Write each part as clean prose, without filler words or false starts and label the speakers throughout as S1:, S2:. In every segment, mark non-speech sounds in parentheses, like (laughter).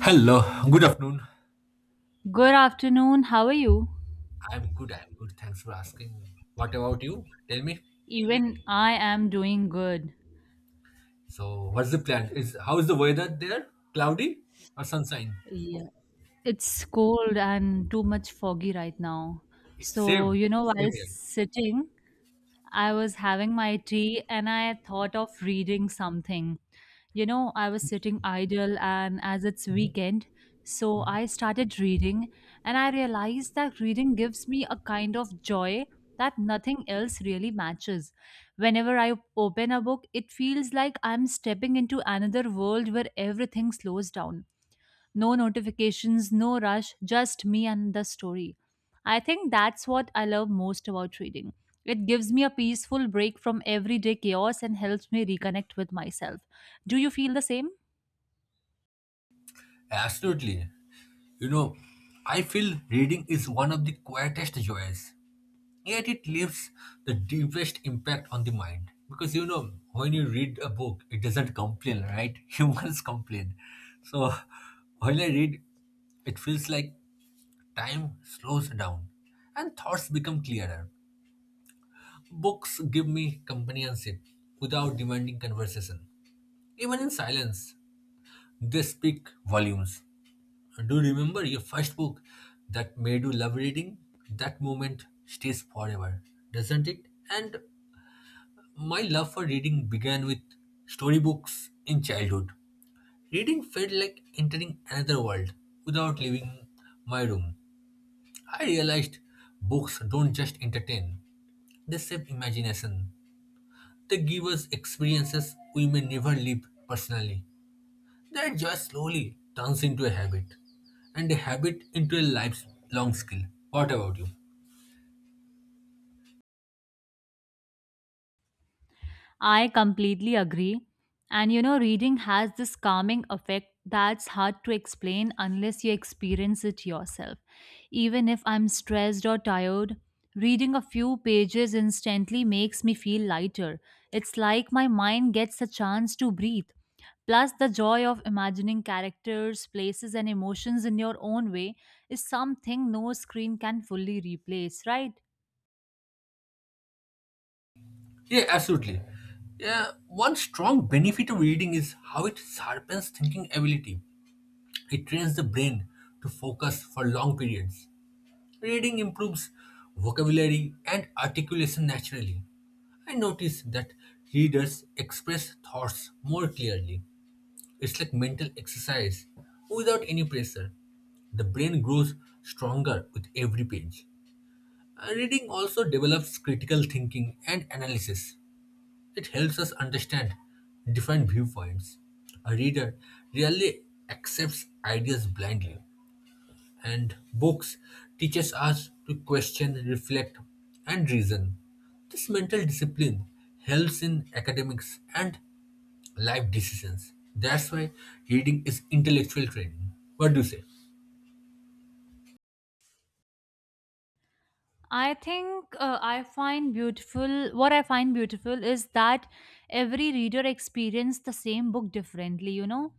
S1: Hello, good afternoon.
S2: Good afternoon. How are you?
S1: I'm good, I'm good. Thanks for asking. What about you? Tell me.
S2: Even I am doing good.
S1: So, what's the plan? Is how is the weather there? Cloudy or sunshine?
S2: Yeah. It's cold and too much foggy right now.
S1: Same,
S2: So, while
S1: same here.
S2: sitting, I was having my tea and I thought of reading something. I was sitting idle, and as it's
S1: Mhm.
S2: weekend, so I
S1: Mhm.
S2: started reading, and I realized that reading gives me a kind of joy that nothing else really matches. Whenever I open a book, it feels like I'm stepping into another world where everything slows down. No notifications, no rush, just me and the story. I think that's what I love most about reading. It gives me a peaceful break from everyday chaos and helps me reconnect with myself. Do you feel the same?
S1: Absolutely. You know, I feel reading is one of the quietest joys, yet it leaves the deepest impact on the mind. Because you know, when you read a book, it doesn't complain, right? (laughs) Humans complain. So, when I read, it feels like time slows down and thoughts become clearer. Books give me companionship without demanding conversation. Even in silence, they speak volumes. Do you remember your first book that made you love reading? That moment stays forever, doesn't it? And my love for reading began with storybooks in childhood. Reading felt like entering another world without leaving my room. I realized books don't just entertain, they shape imagination. They give us experiences we may never live personally. That joy slowly turns into a habit, and a habit into a lifelong skill. What about you?
S2: I completely agree. And reading has this calming effect that's hard to explain unless you experience it yourself. Even if I'm stressed or tired, reading a few pages instantly makes me feel lighter. It's like my mind gets a chance to breathe. Plus, the joy of imagining characters, places, and emotions in your own way is something no screen can fully replace, right?
S1: Yeah, absolutely. Yeah, one strong benefit of reading is how it sharpens thinking ability. It trains the brain to focus for long periods. Reading improves vocabulary and articulation naturally. I notice that readers express thoughts more clearly. It's like mental exercise without any pressure. The brain grows stronger with every page. Reading also develops critical thinking and analysis. It helps us understand different viewpoints. A reader rarely accepts ideas blindly, and books teaches us to question, reflect, and reason. This mental discipline helps in academics and life decisions. That's why reading is intellectual training. What do you say?
S2: I think I find beautiful what I find beautiful is that every reader experiences the same book differently.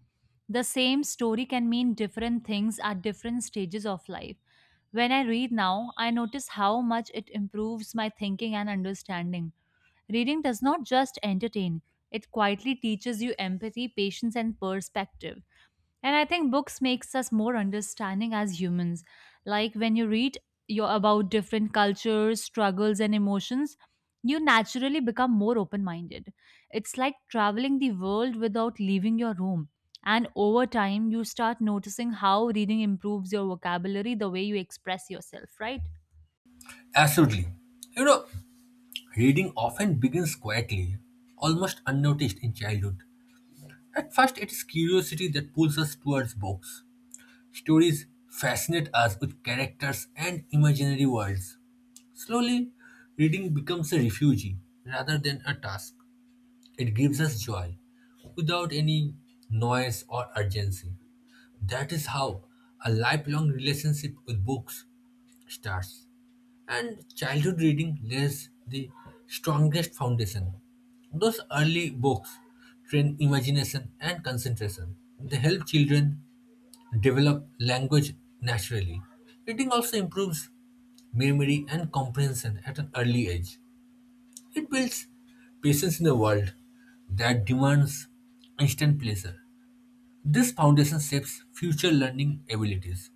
S2: The same story can mean different things at different stages of life. When I read now, I notice how much it improves my thinking and understanding. Reading does not just entertain, it quietly teaches you empathy, patience, and perspective. And I think books makes us more understanding as humans. Like when you read your about different cultures, struggles and emotions, you naturally become more open-minded. It's like traveling the world without leaving your room. And over time, you start noticing how reading improves your vocabulary, the way you express yourself, right?
S1: Absolutely. You know, reading often begins quietly, almost unnoticed in childhood. At first, it is curiosity that pulls us towards books. Stories fascinate us with characters and imaginary worlds. Slowly, reading becomes a refuge rather than a task. It gives us joy without any noise or urgency. That is how a lifelong relationship with books starts. And childhood reading lays the strongest foundation. Those early books train imagination and concentration. They help children develop language naturally. Reading also improves memory and comprehension at an early age. It builds patience in a world that demands instant pleasure. This foundation shapes future learning abilities.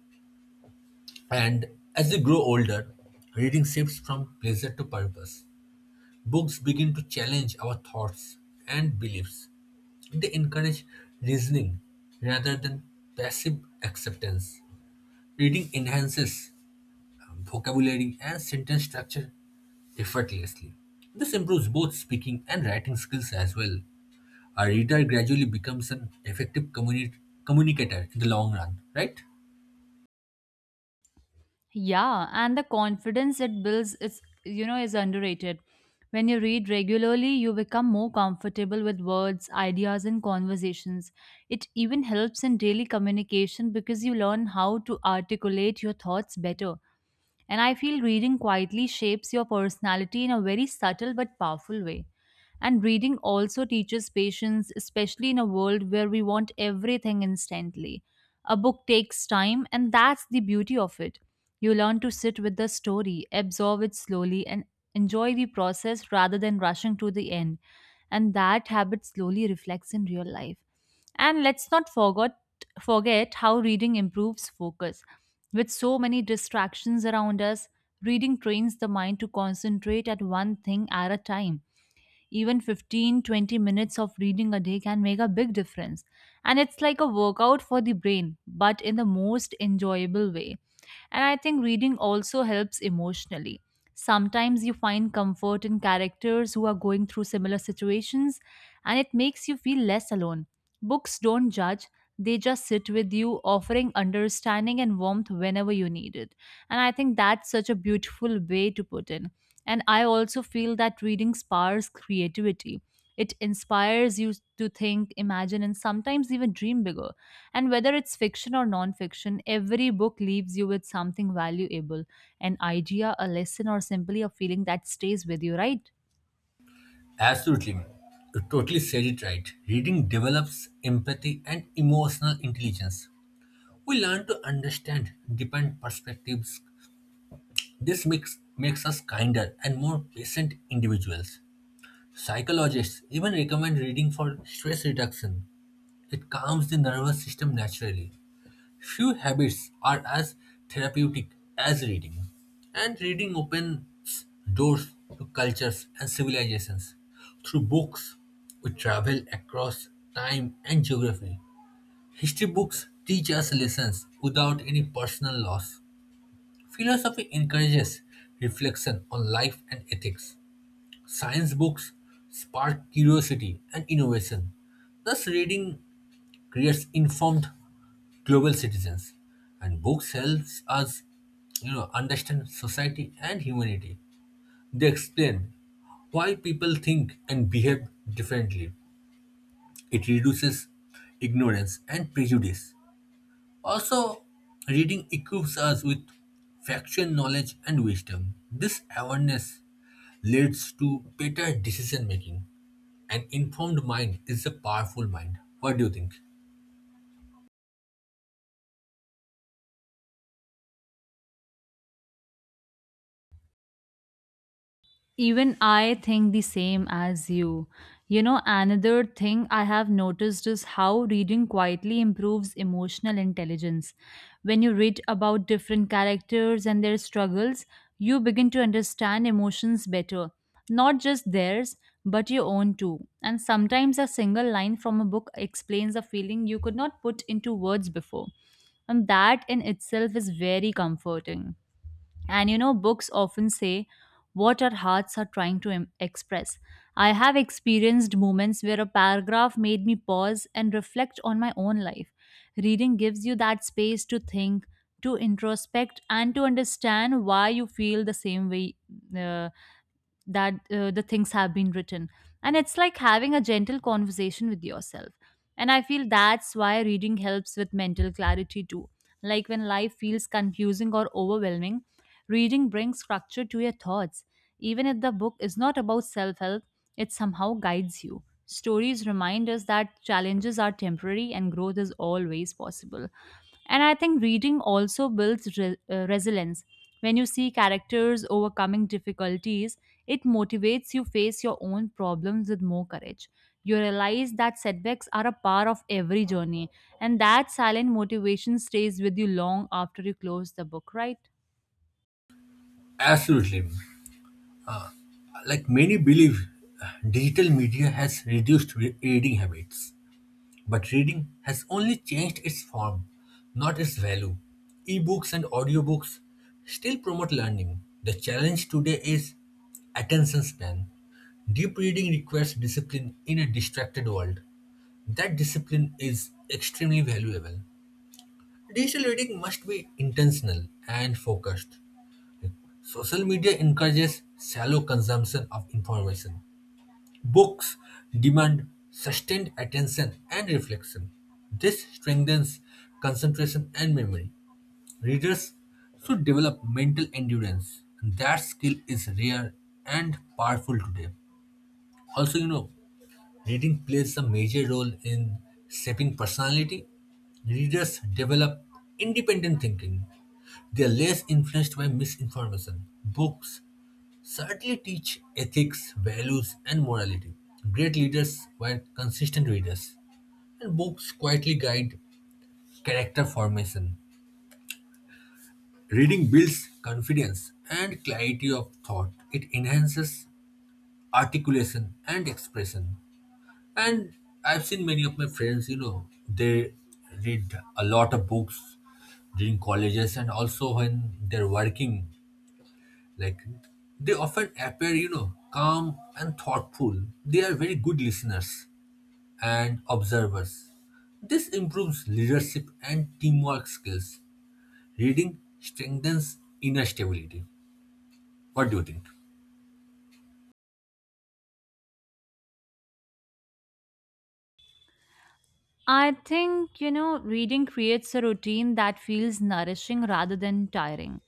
S1: And as we grow older, reading shifts from pleasure to purpose. Books begin to challenge our thoughts and beliefs. They encourage reasoning rather than passive acceptance. Reading enhances vocabulary and sentence structure effortlessly. This improves both speaking and writing skills as well. A reader gradually becomes an effective communicator in the long run, right?
S2: Yeah, and the confidence it builds is underrated. When you read regularly, you become more comfortable with words, ideas and conversations. It even helps in daily communication because you learn how to articulate your thoughts better. And I feel reading quietly shapes your personality in a very subtle but powerful way. And reading also teaches patience, especially in a world where we want everything instantly. A book takes time, and that's the beauty of it. You learn to sit with the story, absorb it slowly, and enjoy the process rather than rushing to the end. And that habit slowly reflects in real life. And let's not forget how reading improves focus. With so many distractions around us, reading trains the mind to concentrate at one thing at a time. Even 15-20 minutes of reading a day can make a big difference. And it's like a workout for the brain, but in the most enjoyable way. And I think reading also helps emotionally. Sometimes you find comfort in characters who are going through similar situations, and it makes you feel less alone. Books don't judge, they just sit with you, offering understanding and warmth whenever you need it. And I think that's such a beautiful way to put in. And I also feel that reading sparks creativity. It inspires you to think, imagine, and sometimes even dream bigger. And whether it's fiction or non-fiction, every book leaves you with something valuable, an idea, a lesson, or simply a feeling that stays with you, right?
S1: Absolutely. You totally said it right. Reading develops empathy and emotional intelligence. We learn to understand different perspectives. This makes us kinder and more patient individuals. Psychologists even recommend reading for stress reduction. It calms the nervous system naturally. Few habits are as therapeutic as reading, and reading opens doors to cultures and civilizations. Through books, we travel across time and geography. History books teach us lessons without any personal loss. Philosophy encourages reflection on life and ethics. Science books spark curiosity and innovation. Thus, reading creates informed global citizens, and books helps us, you know, understand society and humanity. They explain why people think and behave differently. It reduces ignorance and prejudice. Also, reading equips us with factual knowledge and wisdom. This awareness leads to better decision making. An informed mind is a powerful mind. What do you think?
S2: Even I think the same as you. Another thing I have noticed is how reading quietly improves emotional intelligence. When you read about different characters and their struggles, you begin to understand emotions better. Not just theirs, but your own too. And sometimes a single line from a book explains a feeling you could not put into words before. And that in itself is very comforting. And books often say what our hearts are trying to express. I have experienced moments where a paragraph made me pause and reflect on my own life. Reading gives you that space to think, to introspect, and to understand why you feel the same way. Uh, that the things have been written, and it's like having a gentle conversation with yourself. And I feel that's why reading helps with mental clarity too. Like when life feels confusing or overwhelming, reading brings structure to your thoughts, even if the book is not about self-help. It somehow guides you. Stories remind us that challenges are temporary and growth is always possible. And I think reading also builds resilience. When you see characters overcoming difficulties, it motivates you face your own problems with more courage. You realize that setbacks are a part of every journey and that silent motivation stays with you long after you close the book, right?
S1: Absolutely. Like many believe, digital media has reduced reading habits. But reading has only changed its form, not its value. Ebooks and audiobooks still promote learning. The challenge today is attention span. Deep reading requires discipline in a distracted world. That discipline is extremely valuable. Digital reading must be intentional and focused. Social media encourages shallow consumption of information. Books demand sustained attention and reflection. This strengthens concentration and memory. Readers should develop mental endurance. That skill is rare and powerful today. Also, you know, reading plays a major role in shaping personality. Readers develop independent thinking. They are less influenced by misinformation. Books certainly teach ethics, values, and morality. Great leaders were consistent readers, and books quietly guide character formation. Reading builds confidence and clarity of thought. It enhances articulation and expression. And I've seen many of my friends, you know, they read a lot of books during colleges and also when they're working. Like they often appear, you know, calm and thoughtful. They are very good listeners and observers. This improves leadership and teamwork skills. Reading strengthens inner stability. What do you think?
S2: I think, reading creates a routine that feels nourishing rather than tiring.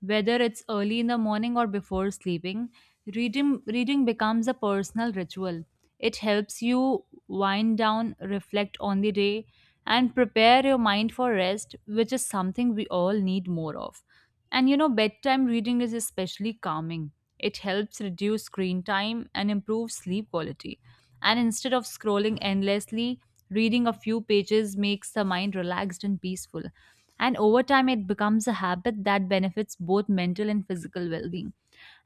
S2: Whether it's early in the morning or before sleeping, reading becomes a personal ritual. It helps you wind down, reflect on the day, and prepare your mind for rest, which is something we all need more of. And bedtime reading is especially calming. It helps reduce screen time and improves sleep quality. And instead of scrolling endlessly, reading a few pages makes the mind relaxed and peaceful. And over time, it becomes a habit that benefits both mental and physical well being.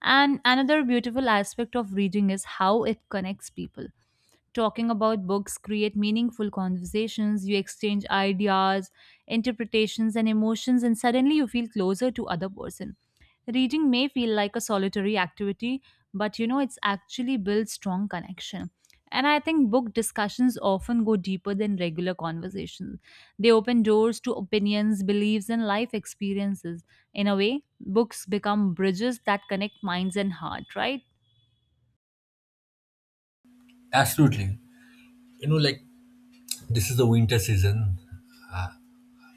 S2: And another beautiful aspect of reading is how it connects people. Talking about books create meaningful conversations. You exchange ideas, interpretations and emotions, and suddenly you feel closer to other person. Reading may feel like a solitary activity, but it's actually builds strong connection. And I think book discussions often go deeper than regular conversations. They open doors to opinions, beliefs, and life experiences. In a way, books become bridges that connect minds and heart, right?
S1: Absolutely. You know, like this is the winter season.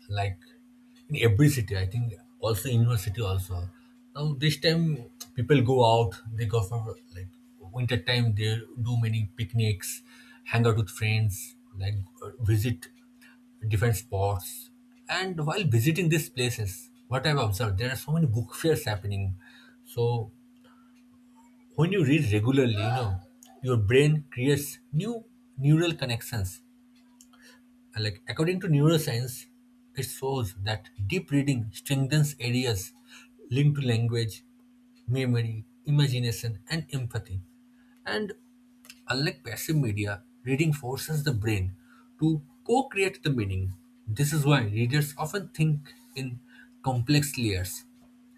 S1: Like in every city, I think also university also. Now this time people go out, they go for like winter time, they do many picnics, hang out with friends, like visit different spots. And while visiting these places, what I've observed, there are so many book fairs happening. So when you read regularly, you know, your brain creates new neural connections, and, like, according to neuroscience, it shows that deep reading strengthens areas linked to language, memory, imagination, and empathy. And unlike passive media, reading forces the brain to co-create the meaning. This is why readers often think in complex layers.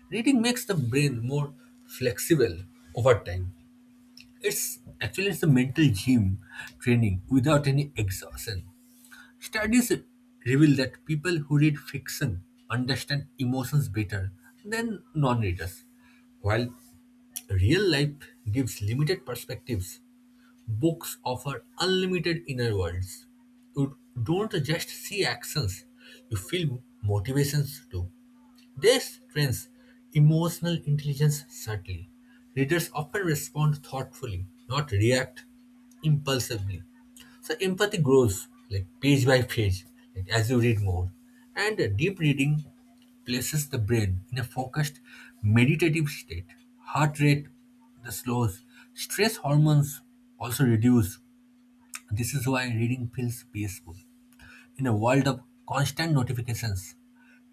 S1: Reading makes the brain more flexible over time. It's actually it's a mental gym, training without any exhaustion. Studies reveal that people who read fiction understand emotions better than non readers. While real life gives limited perspectives, books offer unlimited inner worlds. You don't just see actions, you feel motivations too. This trains emotional intelligence subtly. Readers often respond thoughtfully, not react impulsively. So empathy grows like page by page, like as you read more. And deep reading places the brain in a focused meditative state. Heart rate the slows. Stress hormones also reduce. This is why reading feels peaceful. In a world of constant notifications,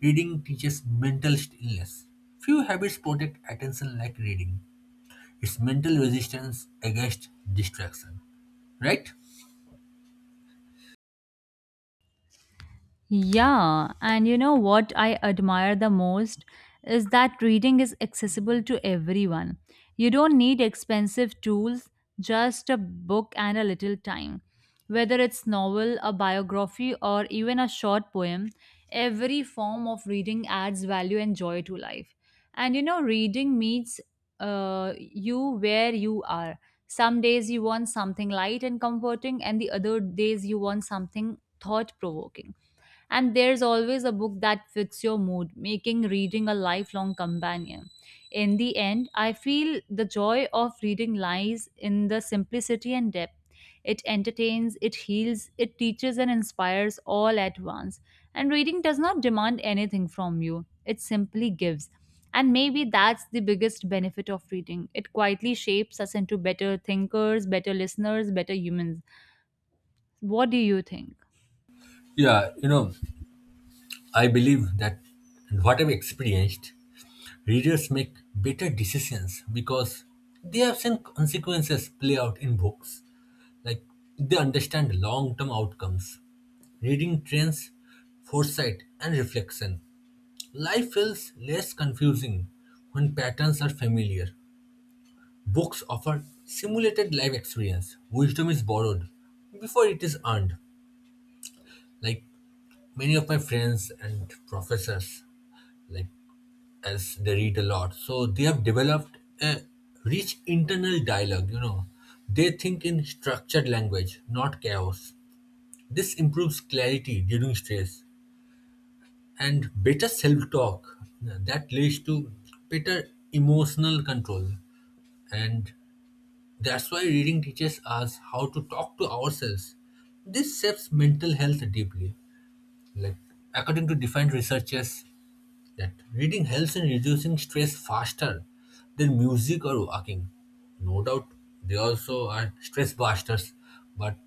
S1: reading teaches mental stillness. Few habits protect attention like reading. It's mental resistance against distraction. Right?
S2: Yeah, and you know what I admire the most is that reading is accessible to everyone. You don't need expensive tools, just a book and a little time. Whether it's novel, a biography, or even a short poem, every form of reading adds value and joy to life. And reading meets you where you are. Some days you want something light and comforting, and the other days you want something thought provoking, and there's always a book that fits your mood, making reading a lifelong companion. In the end, I feel the joy of reading lies in the simplicity and depth. It entertains, it heals, it teaches, and inspires all at once. And reading does not demand anything from you, it simply gives. And maybe that's the biggest benefit of reading. It quietly shapes us into better thinkers, better listeners, better humans. What do you think?
S1: Yeah, you know, I believe that what I've experienced, readers make better decisions because they have seen consequences play out in books. Like they understand long term outcomes. Reading trains foresight and reflection. Life feels less confusing when patterns are familiar. Books offer simulated life experience. Wisdom is borrowed before it is earned. Like many of my friends and professors, like as they read a lot. So they have developed a rich internal dialogue, you know. They think in structured language, not chaos. This improves clarity during stress, and better self talk that leads to better emotional control. And that's why reading teaches us how to talk to ourselves. This shapes mental health deeply. Like according to defined researchers, that reading helps in reducing stress faster than music or walking. No doubt they also are stress busters, but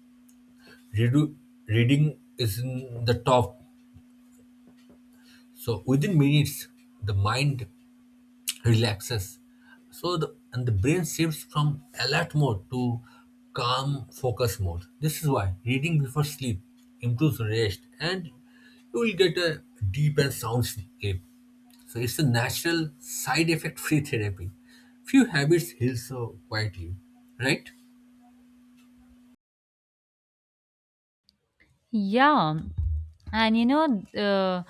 S1: redu- reading is in the top. So within minutes, the mind relaxes. So the and the brain shifts from alert mode to calm focus mode. This is why reading before sleep improves rest and you will get a deep and sound sleep. So it's a natural side effect free therapy. Few habits heal so quietly, right?
S2: Yeah. And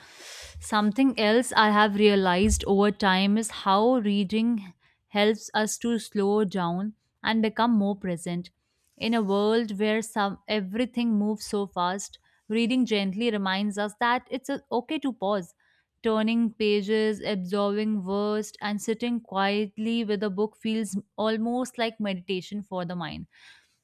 S2: something else I have realized over time is how reading helps us to slow down and become more present. In a world where some everything moves so fast, reading gently reminds us that it's okay to pause, turning pages, absorbing words, and sitting quietly with a book feels almost like meditation for the mind.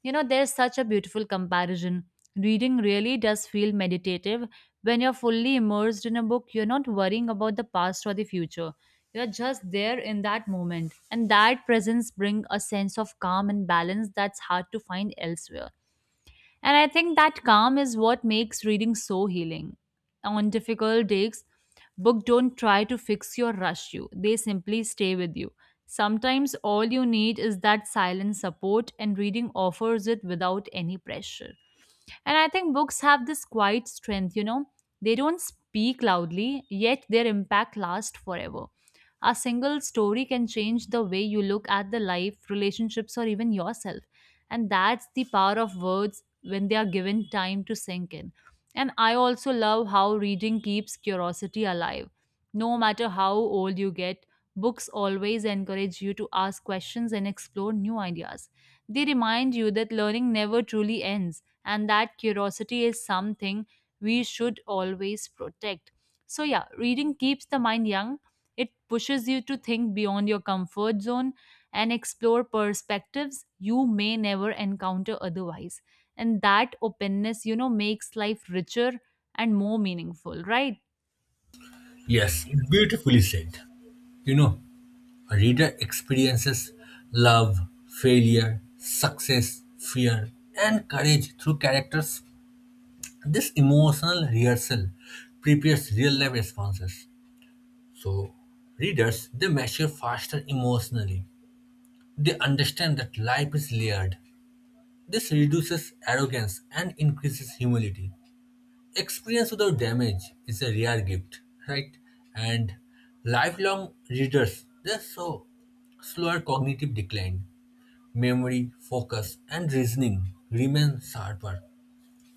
S2: There's such a beautiful comparison. Reading really does feel meditative. When you're fully immersed in a book, you're not worrying about the past or the future. You're just there in that moment. And that presence brings a sense of calm and balance that's hard to find elsewhere. And I think that calm is what makes reading so healing. On difficult days, book don't try to fix you or rush you. They simply stay with you. Sometimes all you need is that silent support, and reading offers it without any pressure. And I think books have this quiet strength, they don't speak loudly, yet their impact lasts forever. A single story can change the way you look at the life, relationships, or even yourself. And that's the power of words when they are given time to sink in. And I also love how reading keeps curiosity alive. No matter how old you get, books always encourage you to ask questions and explore new ideas. They remind you that learning never truly ends and that curiosity is something we should always protect. So, yeah, reading keeps the mind young. It pushes you to think beyond your comfort zone and explore perspectives you may never encounter otherwise. And that openness, makes life richer and more meaningful, right?
S1: Yes, beautifully said. You know, a reader experiences love, failure, success, fear, and courage through characters. This emotional rehearsal prepares real life responses. So, readers they mature faster emotionally. They understand that life is layered. This reduces arrogance and increases humility. Experience without damage is a rare gift, right? And lifelong readers they show slower cognitive decline. Memory, focus, and reasoning remain sharper.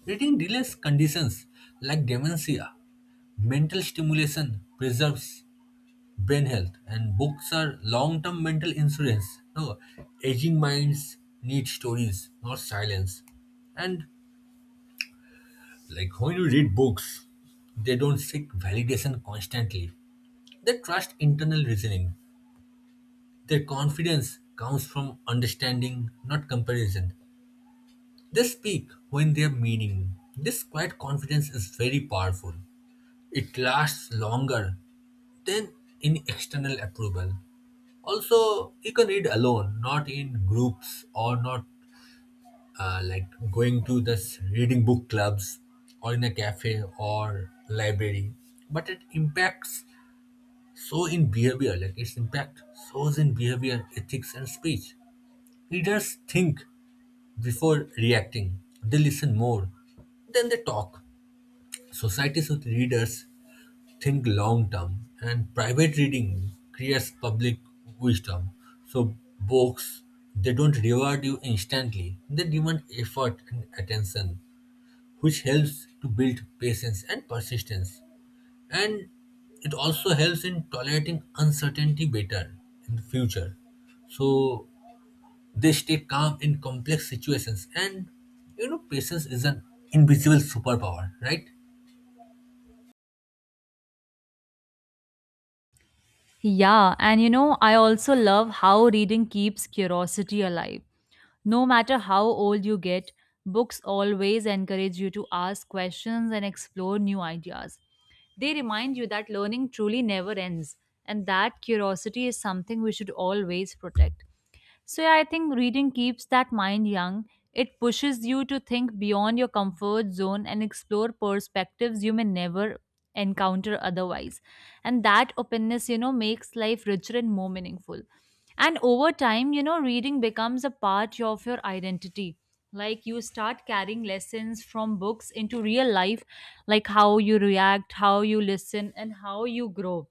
S1: Reading delays conditions like dementia. Mental stimulation preserves brain health, and books are long term mental insurance. No, aging minds need stories, not silence. And like when you read books, they don't seek validation constantly. They trust internal reasoning. Their confidence comes from understanding, not comparison. They speak when they have meaning. This quiet confidence is very powerful. It lasts longer than any external approval. Also, you can read alone, not in groups or not like going to this reading book clubs or in a cafe or library. But it impacts so in behavior, like its impact shows in behavior, ethics, and speech. Readers think before reacting, they listen more, then they talk. Societies with readers think long term, and private reading creates public wisdom. So books they don't reward you instantly, they demand effort and attention, which helps to build patience and persistence. And it also helps in tolerating uncertainty better in the future. So they stay calm in complex situations, and you know patience is an invisible superpower, right?
S2: Yeah, and I also love how reading keeps curiosity alive. No matter how old you get, books always encourage you to ask questions and explore new ideas. They remind you that learning truly never ends and that curiosity is something we should always protect. So, yeah, I think reading keeps that mind young. It pushes you to think beyond your comfort zone and explore perspectives you may never encounter otherwise. And that openness, makes life richer and more meaningful. And over time, reading becomes a part of your identity. Like you start carrying lessons from books into real life, like how you react, how you listen, and how you grow,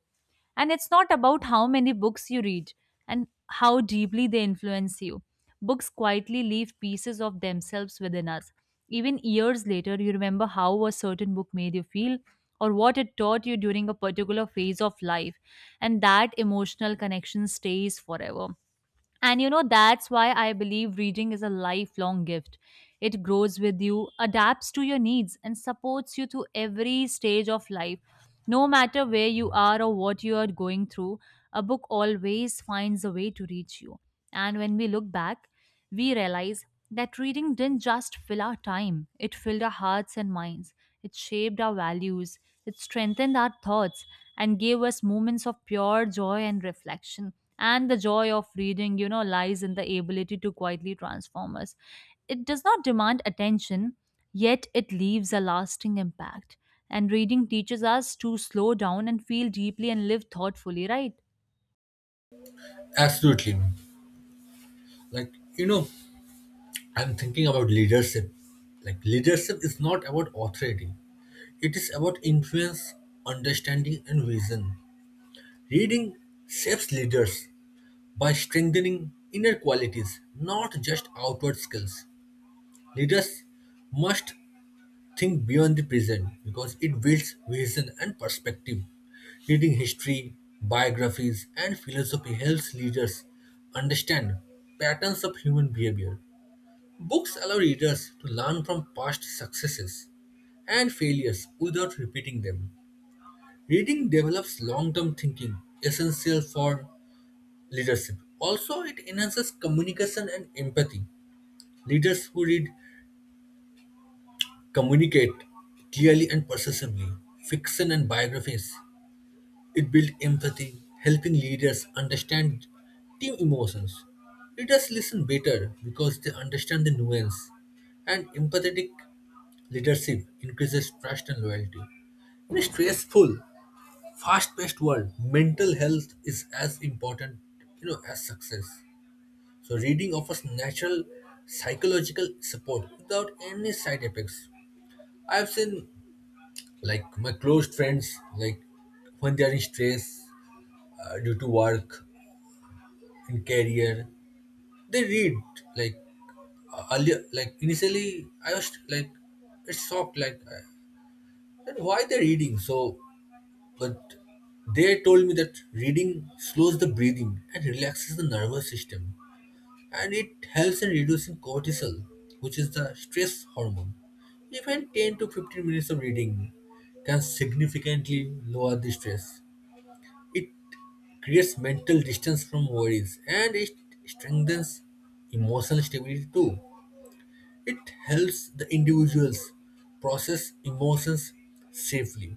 S2: and it's not about how many books you read and how deeply they influence you. Books quietly leave pieces of themselves within us. Even years later, you remember how a certain book made you feel or what it taught you during a particular phase of life, and that emotional connection stays forever. And that's why I believe reading is a lifelong gift. It grows with you, adapts to your needs, and supports you through every stage of life. No matter where you are or what you are going through, a book always finds a way to reach you. And when we look back, we realized that reading didn't just fill our time, it filled our hearts and minds. It shaped our values, it strengthened our thoughts, and gave us moments of pure joy and reflection. And the joy of reading, lies in the ability to quietly transform us. It does not demand attention, yet it leaves a lasting impact. And reading teaches us to slow down and feel deeply and live thoughtfully, right?
S1: Absolutely. Like you know, I'm thinking about leadership. Like, leadership is not about authority, it is about influence, understanding, and vision. Reading shapes leaders by strengthening inner qualities, not just outward skills. Leaders must think beyond the present because it builds vision and perspective. Reading history, biographies, and philosophy helps leaders understand patterns of human behavior. Books allow readers to learn from past successes and failures without repeating them. Reading develops long term thinking, essential for leadership. Also, it enhances communication and empathy. Leaders who read communicate clearly and persuasively. Fiction and biographies, it built empathy, helping leaders understand team emotions. Leaders listen better because they understand the nuance, and empathetic leadership increases trust and loyalty. In a stressful, fast-paced world, mental health is as important, you know, as success. So reading offers natural psychological support without any side effects. I've seen like my close friends, like when they are in stress due to work and career they read, like earlier, like initially I was like it's shocked, like then why they're reading so. But they told me that reading slows the breathing and relaxes the nervous system, and it helps in reducing cortisol, which is the stress hormone. Even 10 to 15 minutes of reading can significantly lower the stress. It creates mental distance from worries, and it strengthens emotional stability too. It helps the individuals process emotions safely.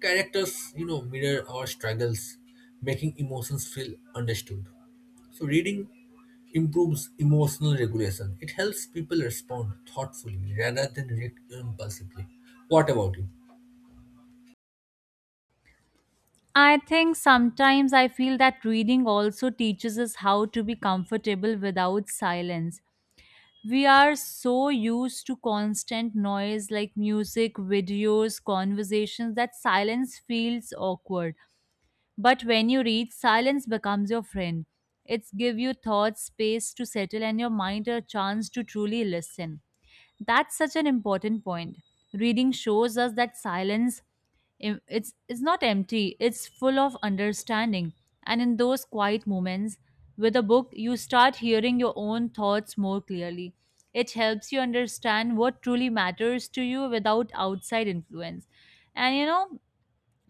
S1: Characters, you know, mirror our struggles, making emotions feel understood. So, reading improves emotional regulation. It helps people respond thoughtfully rather than react impulsively. What about you?
S2: I think sometimes I feel that reading also teaches us how to be comfortable without silence. We are so used to constant noise like music, videos, conversations that silence feels awkward. But when you read, silence becomes your friend. It's give you thoughts space to settle and your mind a chance to truly listen. That's such an important point. Reading shows us that silence it's not empty, it's full of understanding. And in those quiet moments with a book, you start hearing your own thoughts more clearly. It helps you understand what truly matters to you without outside influence. And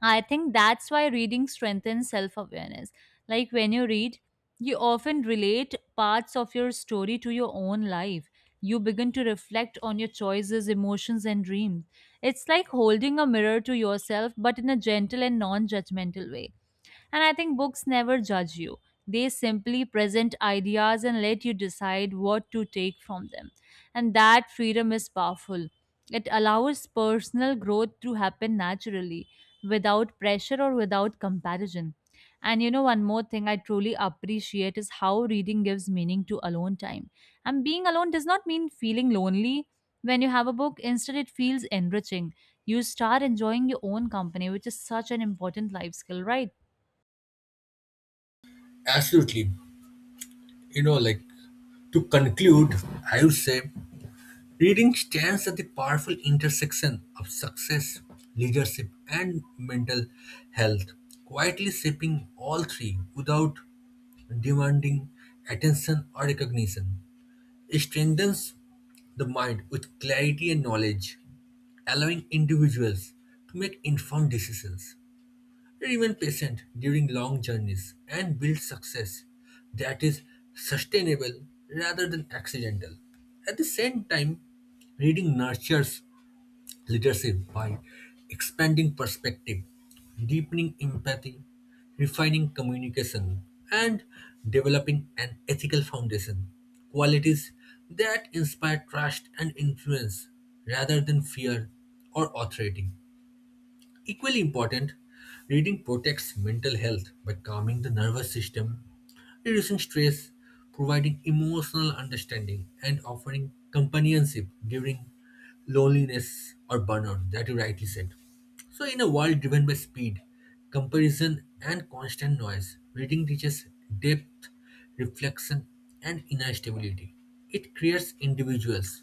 S2: I think that's why reading strengthens self awareness. Like when you read, you often relate parts of your story to your own life. You begin to reflect on your choices, emotions, and dreams. It's like holding a mirror to yourself, but in a gentle and non judgmental way. And I think books never judge you. They simply present ideas and let you decide what to take from them. And that freedom is powerful. It allows personal growth to happen naturally, without pressure or without comparison. And one more thing I truly appreciate is how reading gives meaning to alone time. And being alone does not mean feeling lonely when you have a book, instead, it feels enriching. You start enjoying your own company, which is such an important life skill, right?
S1: Absolutely. You know, like to conclude, I would say reading stands at the powerful intersection of success, leadership, and mental health, quietly shaping all three without demanding attention or recognition. It strengthens the mind with clarity and knowledge, allowing individuals to make informed decisions. They remain patient during long journeys and build success that is sustainable rather than accidental. At the same time, reading nurtures leadership by expanding perspective, deepening empathy, refining communication, and developing an ethical foundation. Qualities that inspire trust and influence rather than fear or authority. Equally important, reading protects mental health by calming the nervous system, reducing stress, providing emotional understanding, and offering companionship during loneliness or burnout that you rightly said. So, in a world driven by speed, comparison, and constant noise, reading teaches depth, reflection, and inner stability. It creates individuals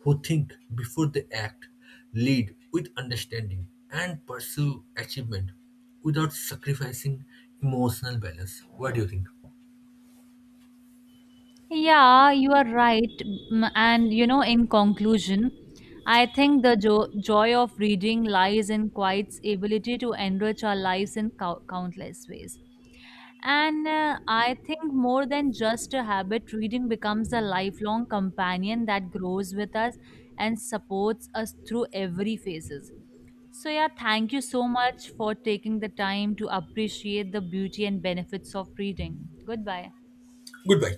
S1: who think before they act, lead with understanding, and pursue achievement without sacrificing emotional balance. What do you think?
S2: Yeah, you are right. And in conclusion, I think the joy of reading lies in quiet's ability to enrich our lives in countless ways. And I think more than just a habit, reading becomes a lifelong companion that grows with us and supports us through every phases. So yeah, thank you so much for taking the time to appreciate the beauty and benefits of reading. Goodbye.
S1: Goodbye.